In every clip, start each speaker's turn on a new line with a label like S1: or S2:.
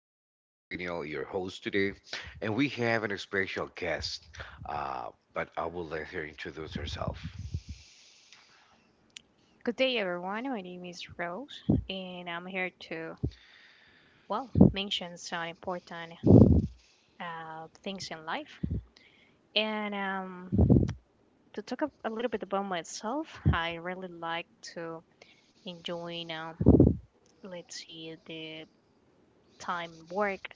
S1: This is Daniel, your host today, and we have an special guest. But I will let her introduce herself.
S2: Good day, everyone. My name is Rose, and I'm here to, well, mention some important things in life. And To talk a little bit about myself, I really like to enjoy, let's see, the time work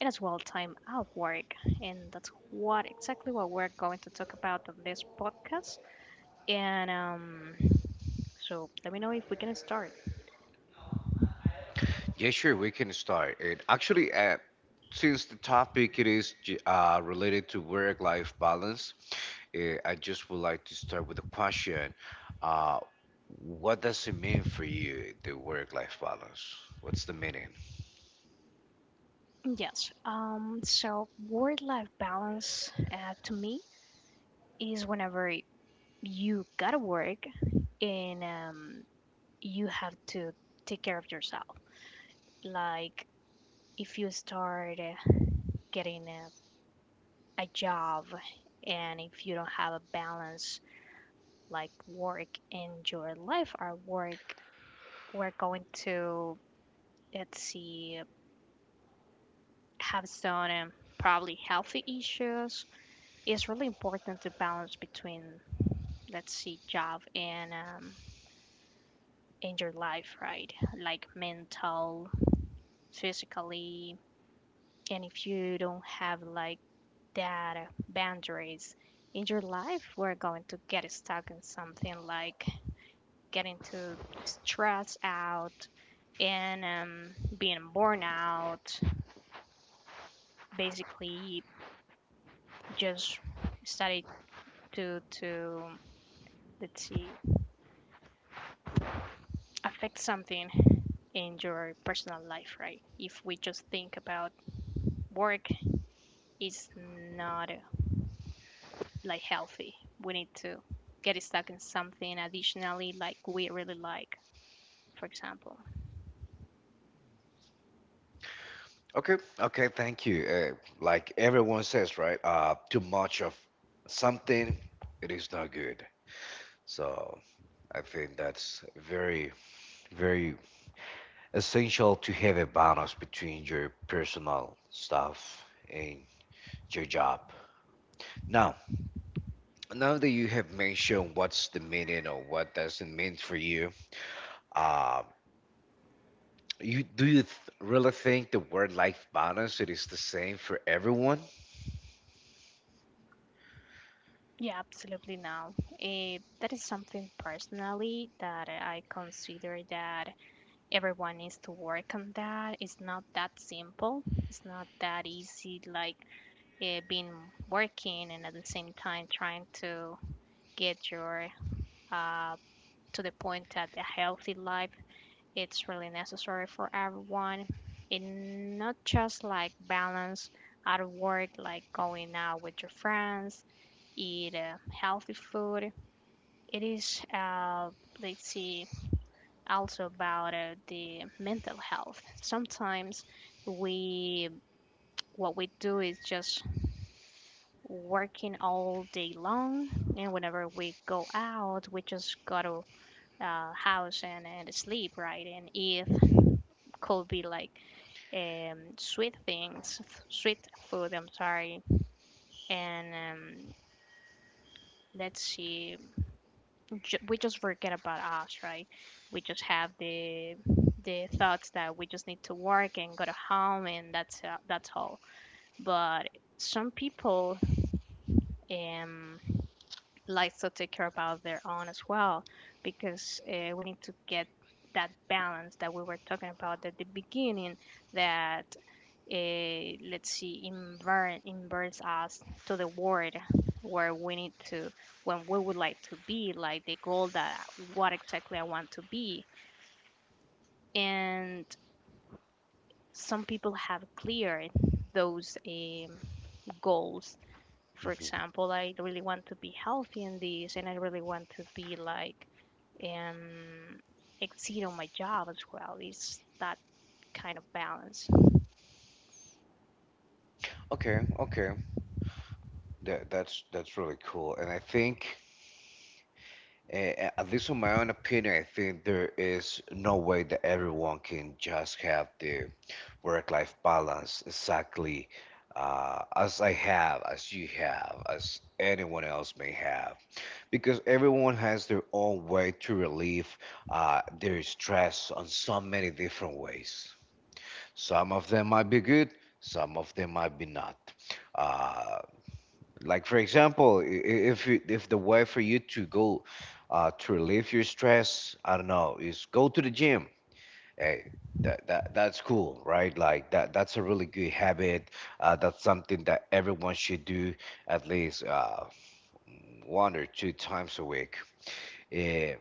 S2: and as well time out work. And that's what exactly what we're going to talk about on this podcast. And so let me know if we can start.
S1: Yeah, sure, we can start. And actually, since the topic it is related to work-life balance, I just would like to start with a question. Uh, what does it mean for you, the work-life balance? What's the meaning?
S2: Yes. So work life balance to me is whenever you gotta work and you have to take care of yourself. Like if you start getting a job and if you don't have a balance like work and your life or work, we're going to, let's see, have some probably healthy issues. It's really important to balance between, let's see, job and in your life, right? Like mental, physically, and if you don't have like that boundaries in your life, we're going to get stuck in something like getting too stressed out and being born out. Basically just started to, let's see, affect something in your personal life, right? If we just think about work, is not like healthy. We need to get stuck in something additionally like we really like, for example.
S1: Okay, okay, thank you. Like everyone says, right? Too much of something, it is not good. So I think that's very, very essential to have a balance between your personal stuff and your job. Now, now that you have mentioned what's the meaning or what does it mean for you, uh, you really think the word life balance it is the same for everyone?
S2: Yeah, absolutely no. That is something personally that I consider that everyone needs to work on that. It's not that simple. It's not that easy, like being working and at the same time trying to get your uh, to the point that a healthy life, it's really necessary for everyone, in not just like balance at work, like going out with your friends, eat healthy food. It is let's see, also about the mental health. Sometimes we, what we do is just working all day long, and whenever we go out we just go to house and sleep, right? And if could be like sweet things, sweet food. I'm sorry, and let's see, we just forget about us, right? We just have the thoughts that we just need to work and go to home, and that's all. But some people um, like to take care about their own as well, because we need to get that balance that we were talking about at the beginning, that let's see, invert, inverts us to the world where we need to, when we would like to be, like the goal that what exactly I want to be. And some people have clear those goals. For
S1: Mhm.
S2: example, I really want to be healthy in this, and I really want to be like um, exceed on my job as well. It's that kind of balance.
S1: Okay, okay. That's really cool, and I think, at least in my own opinion, I think there is no way that everyone can just have the work-life balance exactly as I have, as you have, as anyone else may have, because everyone has their own way to relieve their stress on so many different ways. Some of them might be good, some of them might be not. Uh, Like for example, if the way for you to go to relieve your stress, I don't know, is go to the gym. Hey, that's cool, right? Like that's a really good habit. That's something that everyone should do at least one or two times a week. Eh,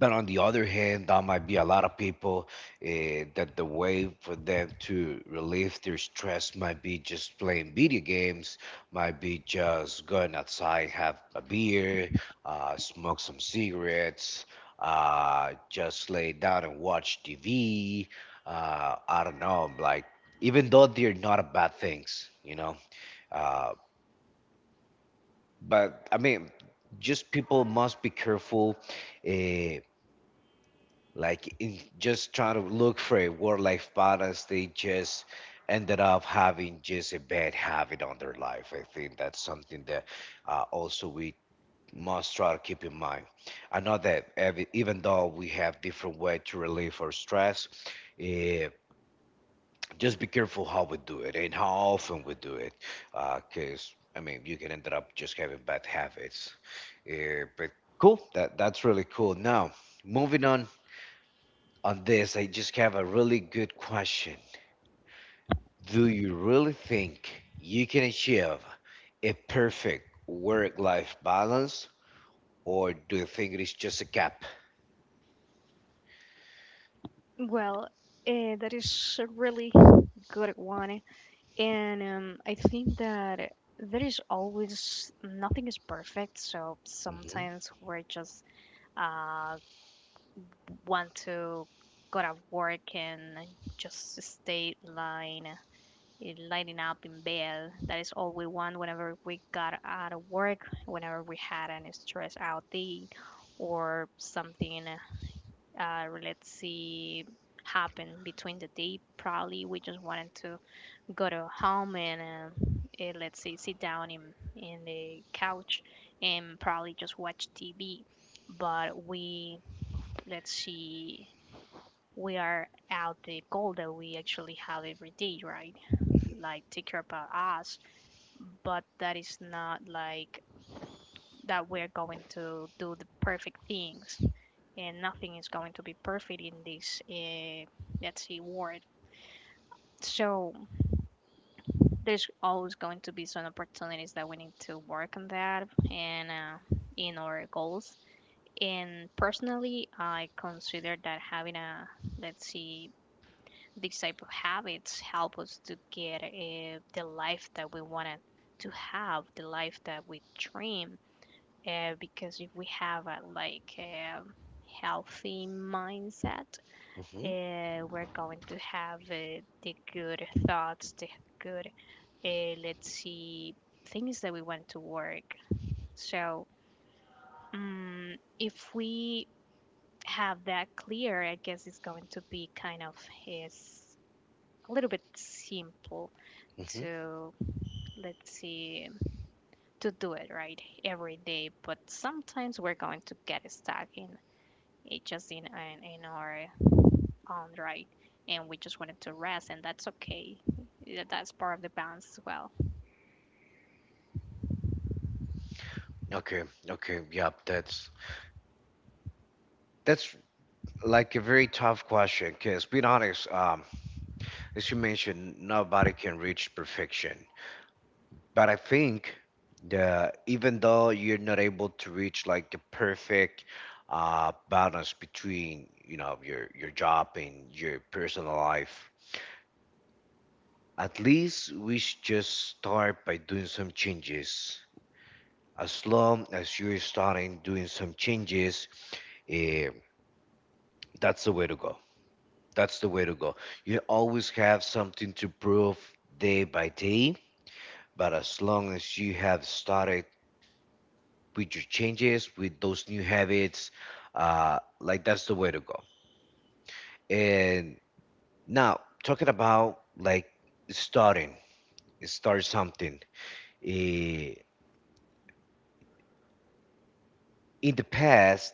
S1: but on the other hand, that might be a lot of people that the way for them to relieve their stress might be just playing video games, might be just going outside, have a beer, smoke some cigarettes, just lay down and watch TV. I don't know, like even though they're not a bad things. Uh, but I mean, just people must be careful uh, like in just trying to look for a work-life balance they just ended up having just a bad habit on their life. I think that's something that also we must try to keep in mind. I know that every, even though we have different way to relieve our stress, eh, just be careful how we do it and how often we do it because I mean you can end up just having bad habits. But cool, that's really cool. Now moving on this, I just have a really good question. Do you really think you can achieve a perfect work life balance, or do you think it is just a gap?
S2: Well, that is a really good one. And I think that there is always nothing is perfect, so
S1: Hmm,
S2: sometimes we're just uh, want to go to work and just stay lying, lighting up in bed. That is all we want whenever we got out of work, whenever we had any stress out day or something, let's see, happened between the day. Probably we just wanted to go to home and uh, let's say sit down in the couch and probably just watch TV. But we, let's see, we are out the goal that we actually have every day, right? Like take care about us, but that is not like that we're going to do the perfect things and nothing is going to be perfect in this let's see world. So there's always going to be some opportunities that we need to work on that and in our goals. And personally, I consider that having a, let's see, this type of habits help us to get the life that we wanted to have, the life that we dream. Because if we have a like a healthy mindset,
S1: hmm,
S2: we're going to have the good thoughts, the good let's see, things that we want to work. So, if we have that clear, I guess it's going to be kind of is a little bit simple
S1: hmm.
S2: to, let's see, to do it right every day. But sometimes we're going to get stuck in it just in our own right. And we just wanted to rest, and that's okay. Yeah, that's part of the balance as well.
S1: Okay, okay, yep, that's like a very tough question because, being honest, as you mentioned, nobody can reach perfection. But I think the even though you're not able to reach like the perfect balance between you know your job and your personal life, at least we should just start by doing some changes. As long as you're starting doing some changes, eh, that's the way to go. That's the way to go. You always have something to prove day by day, but as long as you have started with your changes, with those new habits. Like that's the way to go. And now talking about like starting, start something. Eh, in the past,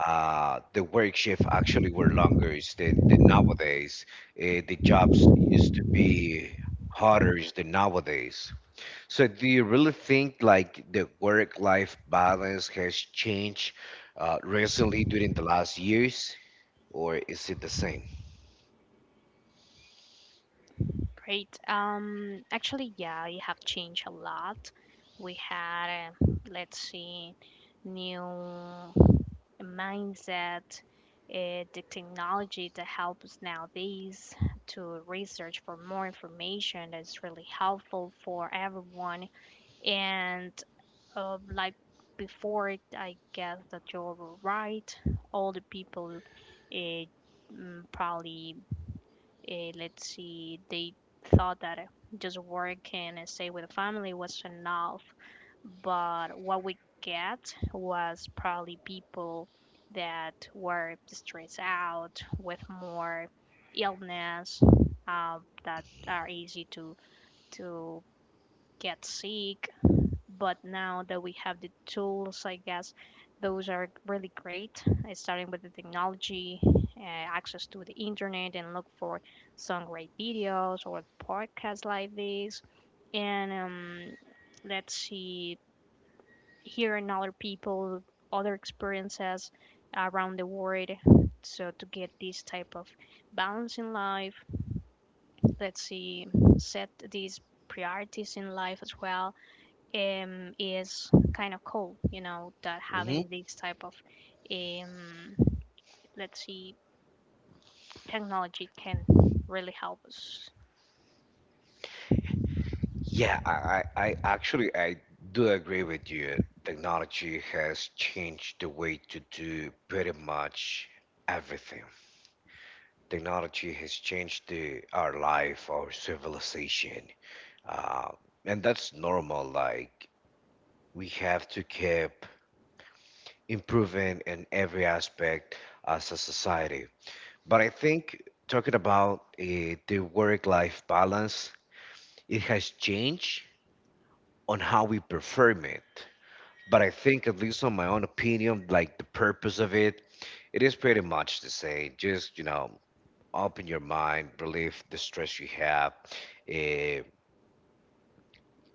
S1: the work shift actually were longer is than nowadays. The jobs used to be harder is than nowadays. So do you really think like the work-life balance has changed recently during the last years, or is it the same?
S2: Great. Actually, yeah, it have changed a lot. We had, let's see, new mindset, the technology that helps nowadays to research for more information, that's really helpful for everyone. And like before, it, I guess that you're right. All the people uh, probably let's see, they thought that just working and stay with the family was enough. But what we get was probably people that were stressed out with more illness, that are easy to get sick. But now that we have the tools, I guess those are really great, starting with the technology, access to the internet, and look for some great videos or podcasts like this. And let's see, hearing other people, other experiences around the world. So to get this type of balance in life, let's see, set these priorities in life as well, is kind of cool, you know, that
S1: Hmm.
S2: having this type of, um, let's see, technology can really help us.
S1: Yeah, I actually I do agree with you. Technology has changed the way to do pretty much everything. Technology has changed our life, our civilization, uh, and that's normal. Like we have to keep improving in every aspect as a society. But I think talking about the work-life balance, it has changed on how we perform it. But I think, at least on my own opinion, like the purpose of it, it is pretty much the same. Just, you know, open your mind, relieve the stress you have. eh,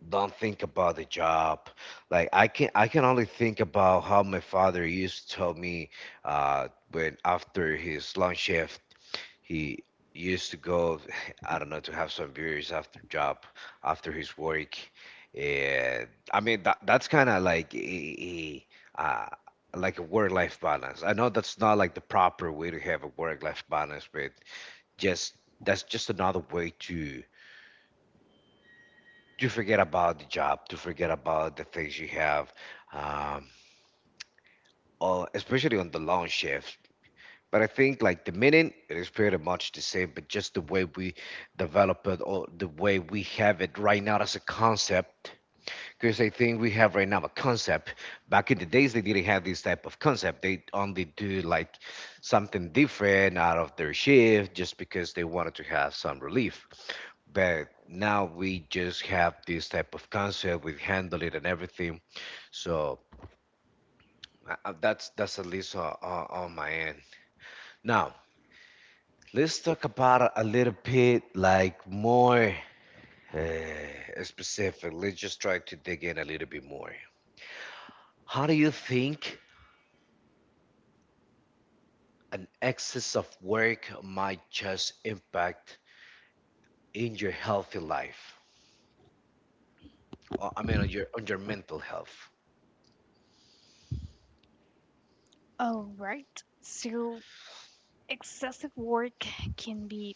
S1: don't think about the job. Like I can only think about how my father used to tell me when after his long shift, he used to go, I don't know, to have some beers after job, after his work. And I mean, that's kind of like uh, like a work-life balance. I know that's not like the proper way to have a work-life balance, but just that's just another way to forget about the job, to forget about the things you have, um, or especially on the long shifts. But I think like the meaning, it is pretty much the same, but just the way we develop it or the way we have it right now as a concept. Because I think we have right now a concept. Back in the days, they didn't have this type of concept. They only do like something different out of their shift just because they wanted to have some relief. But now we just have this type of concept. We handle it and everything. So that's at least on my end. Now, let's talk about a little bit like more specific. Let's just try to dig in a little bit more. How do you think an excess of work might just impact in your healthy life? Or, I mean, on your mental health?
S2: All right. So excessive work can be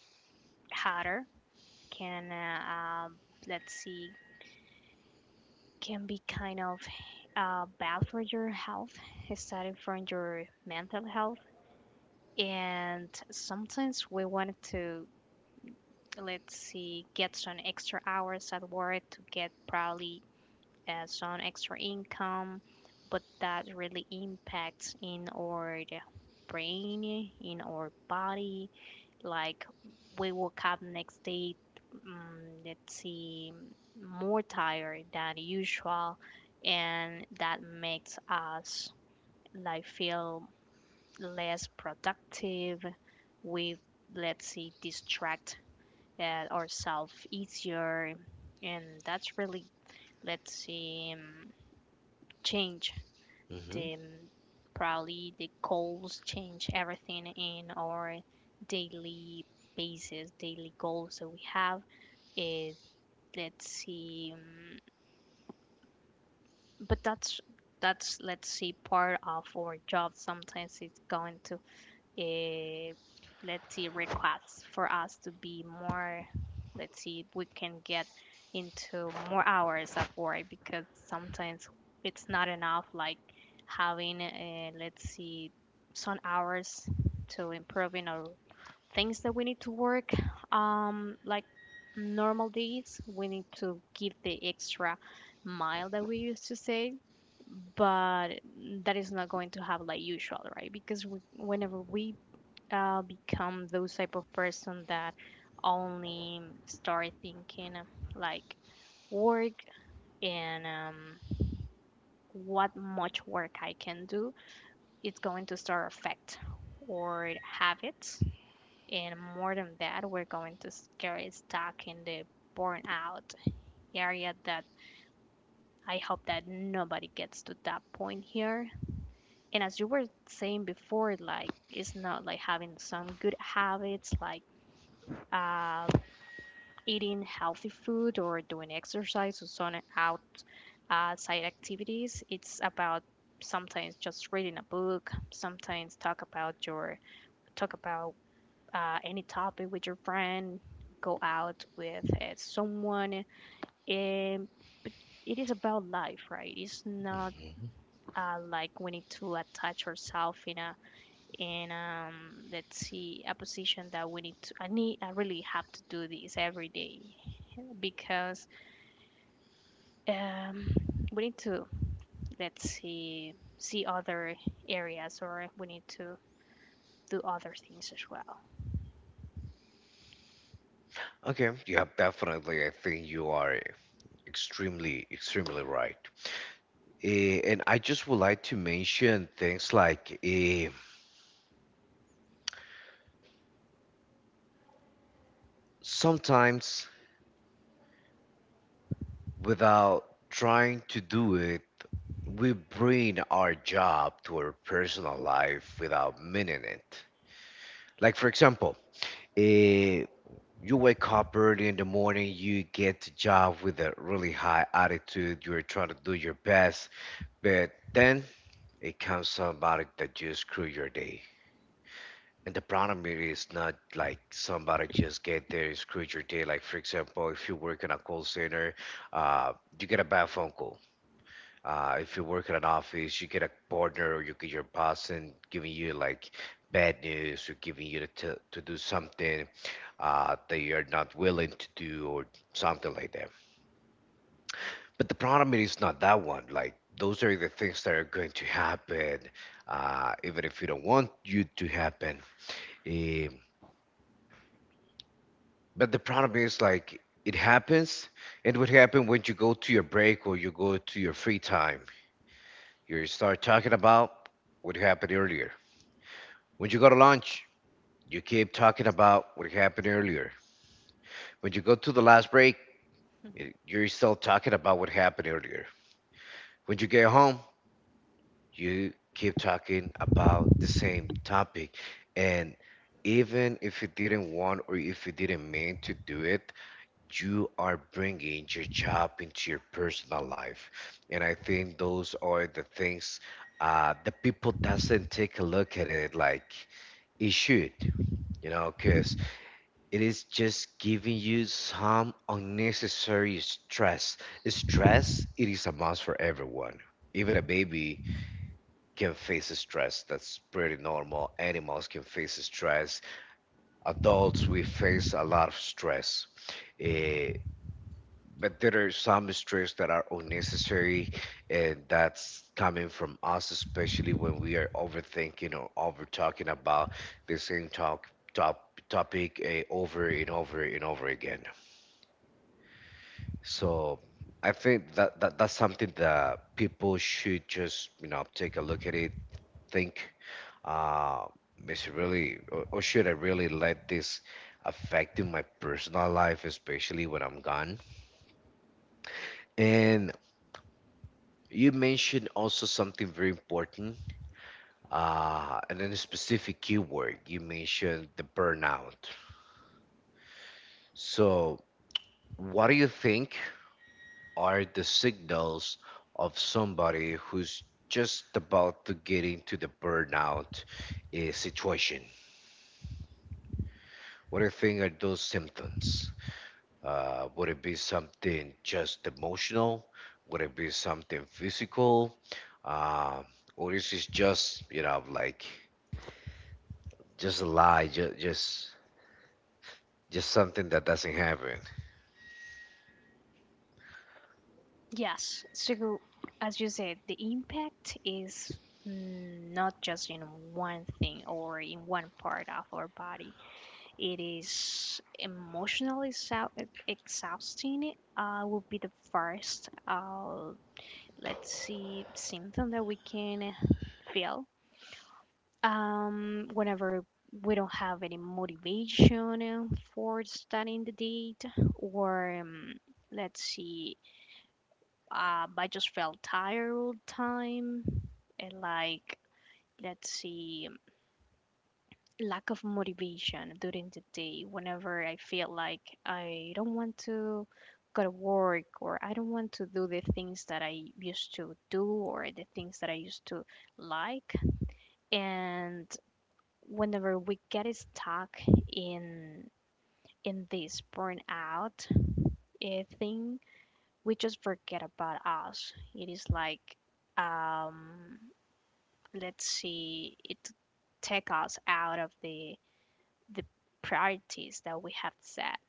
S2: harder, can, let's see, can be kind of bad for your health, starting from your mental health. And sometimes we wanted to, let's see, get some extra hours at work to get probably as some extra income, but that really impacts in our brain, in our body. Like we woke up next day, let's see, more tired than usual, and that makes us like feel less productive. We, let's see, distract ourselves easier, and that's really, let's see, change,
S1: Hmm.
S2: um, probably the goals, change everything in our daily basis, daily goals that we have. It, let's see, but that's let's see part of our job. Sometimes it's going to uh, let's see requests for us to be more, let's see, we can get into more hours of work because sometimes it's not enough like having let's see some hours to improving our things that we need to work, like normal days, we need to give the extra mile that we used to say. But that is not going to have like usual, right? Because we, whenever we become those type of person that only start thinking like work and what much work I can do, it's going to start affect or habits. And more than that, we're going to get stuck in the burnout area that I hope that nobody gets to that point here. And as you were saying before, like it's not like having some good habits, like uh, eating healthy food or doing exercise or zoning out side activities. It's about sometimes just reading a book, sometimes talk about your talk about any topic with your friend, go out with someone. And it is about life, right? It's not like we need to attach ourselves in a in let's see a position that we need to, I need, I really have to do this every day, because um, we need to, let's see, see other areas or we need to do other things as well.
S1: Okay, you have definitely. I think you are extremely extremely right. And I just would like to mention things like sometimes without trying to do it, we bring our job to our personal life without meaning it. Like, for example, eh, you wake up early in the morning, you get to job with a really high attitude, you're trying to do your best, but then it comes somebody that just screw your day. And the problem here is not like somebody just get there and screw your day. Like for example, if you work in a call center, uh, you get a bad phone call. If you work at an office, you get a partner or you get your boss and giving you like bad news or giving you to do something that you're not willing to do or something like that. But the problem is not that one. Like those are the things that are going to happen, even if you don't want you to happen. Um, but the problem is like it happens. And what happen when you go to your break or you go to your free time? You start talking about what happened earlier. When you go to lunch, you keep talking about what happened earlier. When you go to the last break,
S2: Mhm.
S1: you're still talking about what happened earlier. When you get home, you keep talking about the same topic. And even if you didn't want or if you didn't mean to do it, you are bringing your job into your personal life. And I think those are the things the people doesn't take a look at it like it should, you know, because it is just giving you some unnecessary stress. Stress, it is a must for everyone. Even a baby can face stress. That's pretty normal. Animals can face stress. Adults, we face a lot of stress. Eh, but there are some stress that are unnecessary, and that's coming from us, especially when we are overthinking or over talking about the same top, topic over and over and over again. So I think that's something that people should just, you know, take a look at it, think, uh, is it really, or should I really let this affect in my personal life, especially when I'm gone? And you mentioned also something very important, and then a specific keyword. You mentioned the burnout. So what do you think are the signals of somebody who's just about to get into the burnout situation? What do you think are those symptoms? Would it be something just emotional? Would it be something physical? Uh, or is it just, you know, like just a lie, just something that doesn't happen?
S2: Yes, so as you said, the impact is, not just in one thing or in one part of our body. It is emotionally exhausting, would be the first let's see symptom that we can feel. Whenever we don't have any motivation for starting the date, or let's see, I just felt tired all the time, and like, let's see, lack of motivation during the day. Whenever I feel like I don't want to go to work, or I don't want to do the things that I used to do, or the things that I used to like, and whenever we get stuck in in this burnout thing, we just forget about us. It is like, um, let's see, it take us out of the priorities that we have set,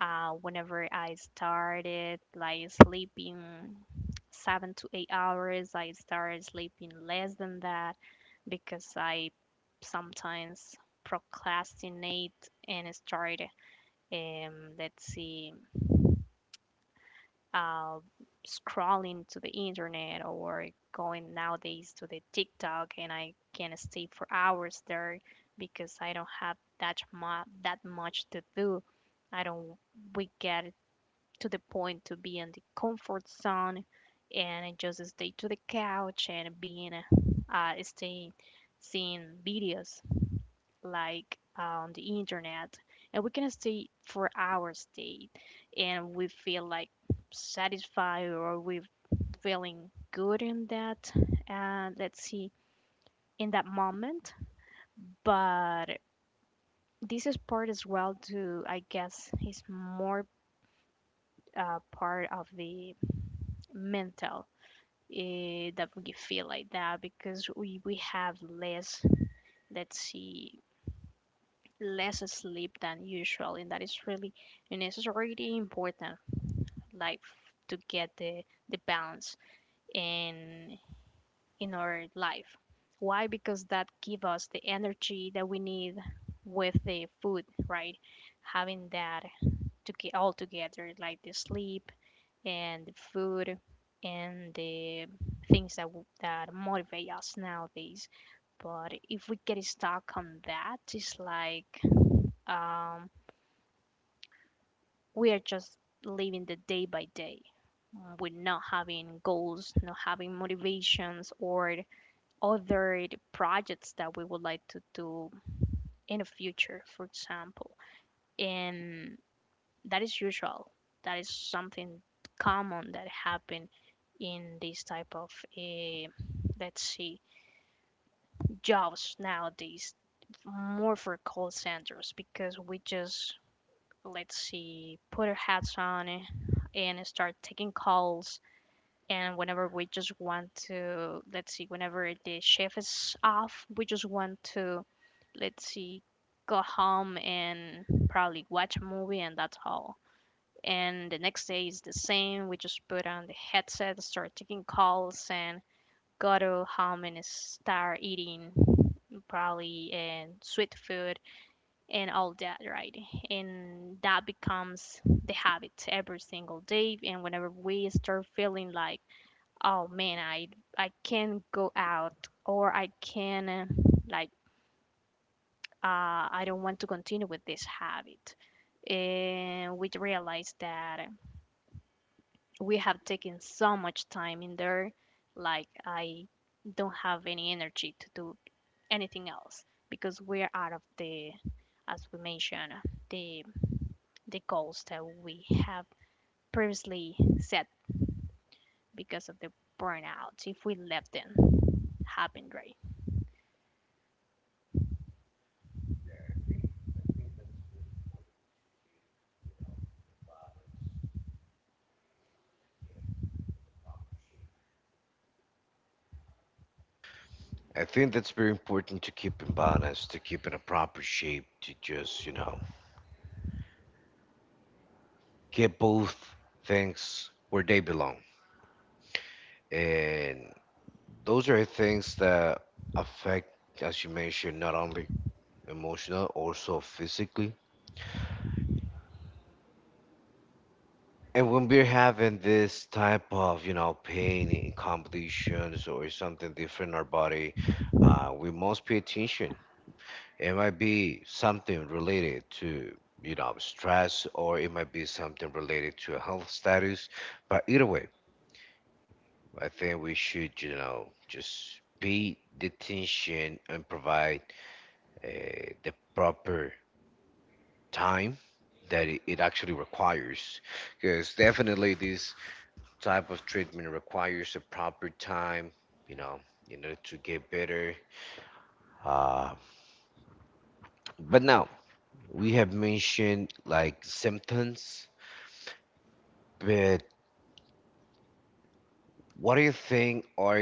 S2: whenever I started like sleeping 7 to 8 hours, I started sleeping less than that because I sometimes procrastinate and start, um, let's see, uh, scrolling to the internet or going nowadays to the TikTok, and I can stay for hours there because I don't have that much to do. I don't. We get to the point to be in the comfort zone and just stay to the couch and being staying seeing videos like on the internet, and we can stay for hours day and we feel like satisfied or we feeling good in that and let's see in that moment. But this is part as well to I guess is more part of the mental that we feel like that because we have less let's see less sleep than usual, and that is really and it's really important like to get the balance in in our life. Why? Because that give us the energy that we need with the food, right? Having that to get all together like the sleep and the food and the things that that motivate us nowadays. But if we get stuck on that, it's like um, we are just living the day by day. We not having goals, not having motivations, or other projects that we would like to do in the future, for example. And that is usual, that is something common that happen in this type of eh, let's see jobs nowadays, more for call centers, because we just let's see put our hats on and start taking calls, and whenever we just want to let's see whenever the chef is off, we just want to let's see go home and probably watch a movie and that's all, and the next day is the same. We just put on the headset, start taking calls, and go to home and start eating probably and sweet food and all that, right? And that becomes the habit every single day. And whenever we start feeling like, oh man, I can't go out, or I can like I don't want to continue with this habit, and we realize that we have taken so much time in there, like I don't have any energy to do anything else, because we're out of the, as we mentioned, the the goals that we have previously set because of the burnout, if we let them happen, right?
S1: I think that's very important to keep in balance, to keep in a proper shape, to just, you know, give both things where they belong. And those are things that affect, as you mentioned, not only emotional, also physically. And when we're having this type of, you know, pain in completions or something different in our body, we must pay attention. It might be something related to, you know, stress, or it might be something related to a health status. But either way, I think we should, you know, just pay the attention and provide the proper time that it actually requires. Because definitely this type of treatment requires a proper time, you know, in order to get better. Uh, but now we have mentioned like symptoms, but what do you think are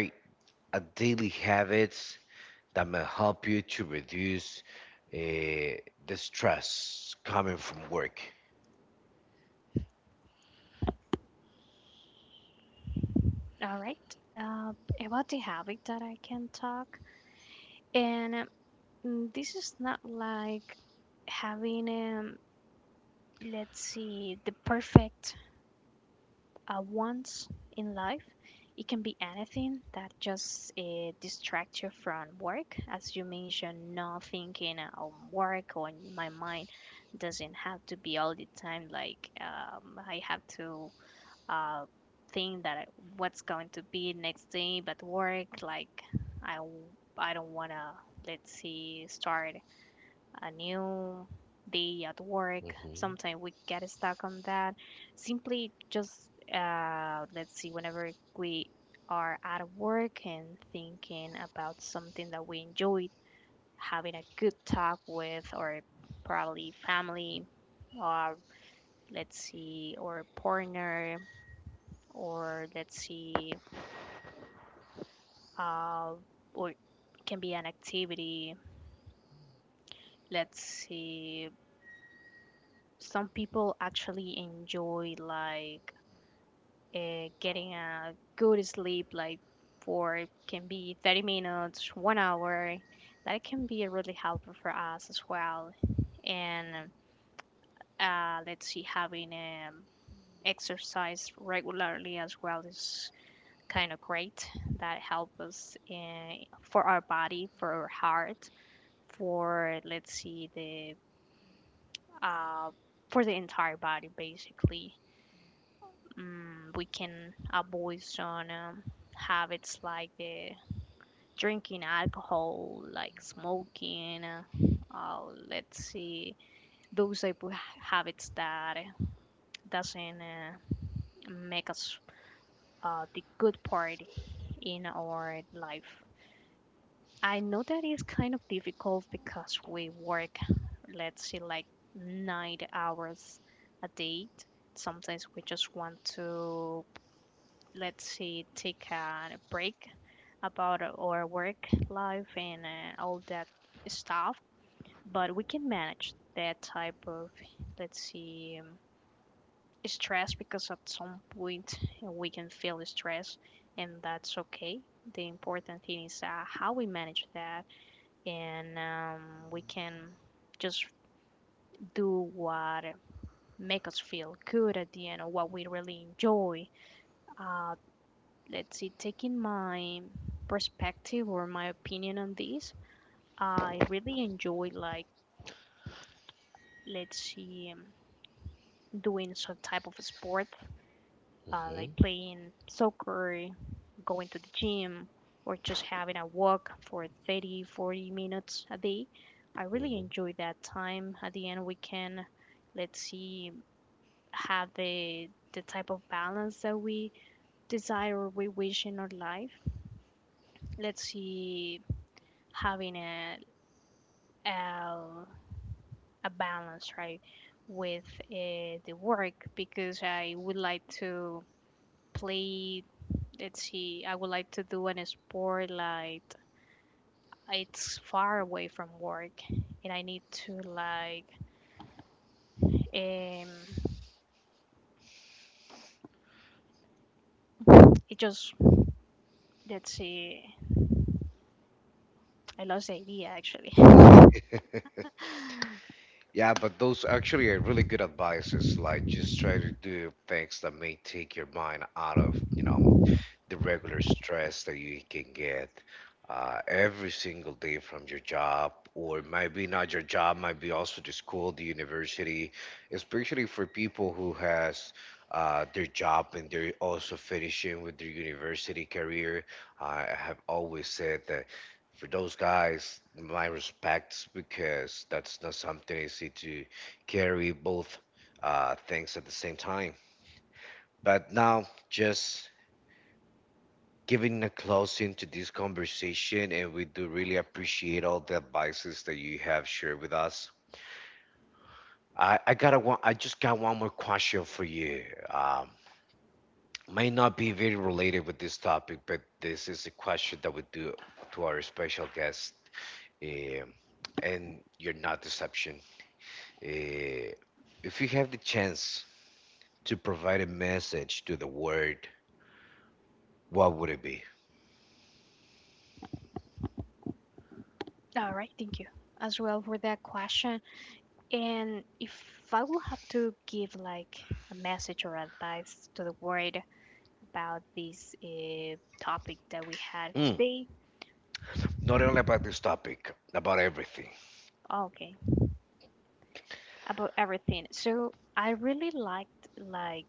S1: a daily habits that may help you to reduce uh, the stress coming from work?
S2: All right. uh, about the habit that I can talk, and this is not like having let's see the perfect once in life. It can be anything that just distracts you from work, as you mentioned, not thinking on work, or my mind doesn't have to be all the time like I have to uh, think that what's going to be next day, but work like I don't wanna let's see start a new day at work.
S1: Mm-hmm.
S2: Sometimes we get stuck on that. Simply just, let's see, whenever we are at work and thinking about something that we enjoyed, having a good talk with, or probably family, or let's see, or partner, or let's see, uh, or it can be an activity. Let's see, some people actually enjoy like getting a good sleep, like for can be 30 minutes, 1 hour. That can be really helpful for us as well. And let's see, having exercise regularly as well is kind of great. That helps us in, for our body, for our heart, for let's see the uh, for the entire body basically. We can avoid some habits like the drinking alcohol, like smoking, oh, let's see, those type of habits that doesn't make us the good part in our life. I know that is kind of difficult because we work, let's say, like 9 hours a day. Sometimes we just want to, let's say, take a break about our work life and all that stuff, but we can manage that type of let's see stress, because at some point we can feel stress and that's okay. The important thing is how we manage that, and we can just do what make us feel good at the end or what we really enjoy. uh, let's see, taking my perspective or my opinion on this, I really enjoy like let's see doing some type of sport
S1: Mm-hmm.
S2: like playing soccer, going to the gym, or just having a walk for 30, 40 minutes a day. I really
S1: Mm-hmm.
S2: enjoy that time. At the end, we can, let's see, have the type of balance that we desire or we wish in our life. Let's see, having a a, a balance, right? With the work, because I would like to play let's see, I would like to do an sport like it's far away from work, and I need to like um it just let's see I lost the idea actually.
S1: Yeah, but those actually are really good advices. Like, just try to do things that may take your mind out of, you know, the regular stress that you can get every single day from your job, or maybe not your job, might be also the school, the university, especially for people who has their job and they're also finishing with their university career. I have always said that for those guys, my respects because that's not something easy to carry both things at the same time. But now, just giving a closing to this conversation, and we do really appreciate all the advices that you have shared with us. I just got one more question for you. Um, may not be very related with this topic, but this is a question that we do to our special guest, um and you're not deception. Uh, if you have the chance to provide a message to the world, what would it be?
S2: All right, thank you as well for that question. And if I will have to give like a message or advice to the world about this topic that we had
S1: Mm,
S2: today,
S1: not only about this topic, about everything.
S2: okay, about everything. So I really liked like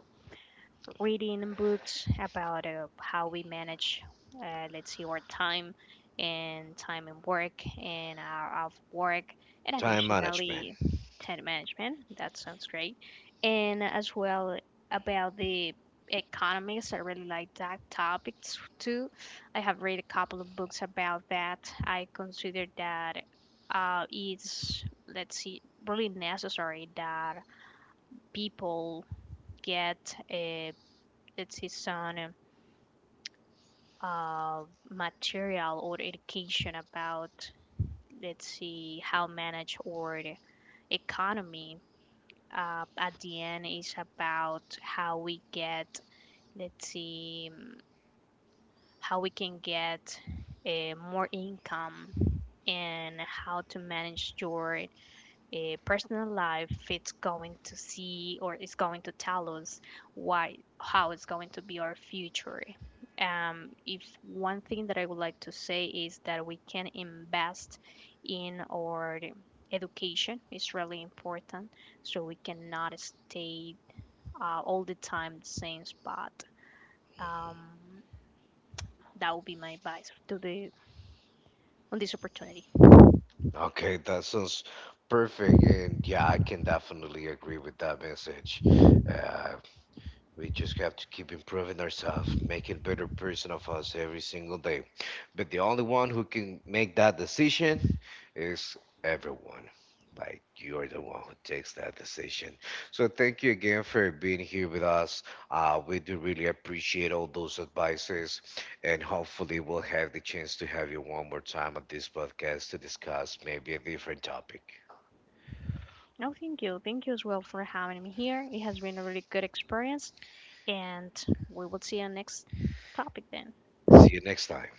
S2: reading books about how we manage, let's see, our time and time and work and our off work, and
S1: Time management.
S2: additionally, time management. That sounds great. And as well about the economics, I really like that topic too. I have read a couple of books about that. I consider that it's, let's see, really necessary that people get it's his own uh, material or education about let's see how manage or economy at the end is about how we get let's see how we can get more income, and how to manage your personal life. It's going to see or is going to tell us why how it's going to be our future. If one thing that I would like to say is that we can invest in our education, is really important, so we cannot stay all the time the same spot. um, that would be my advice to the on this opportunity.
S1: Okay, that sounds perfect. And yeah, I can definitely agree with that message. Uh, we just have to keep improving ourselves, making better person of us every single day. But the only one who can make that decision is everyone. Like you're the one who takes that decision. So thank you again for being here with us. We do really appreciate all those advices, and hopefully we'll have the chance to have you one more time on this podcast to discuss maybe a different topic.
S2: No, thank you. Thank you as well for having me here. It has been a really good experience and we will see you next topic then.
S1: See you next time.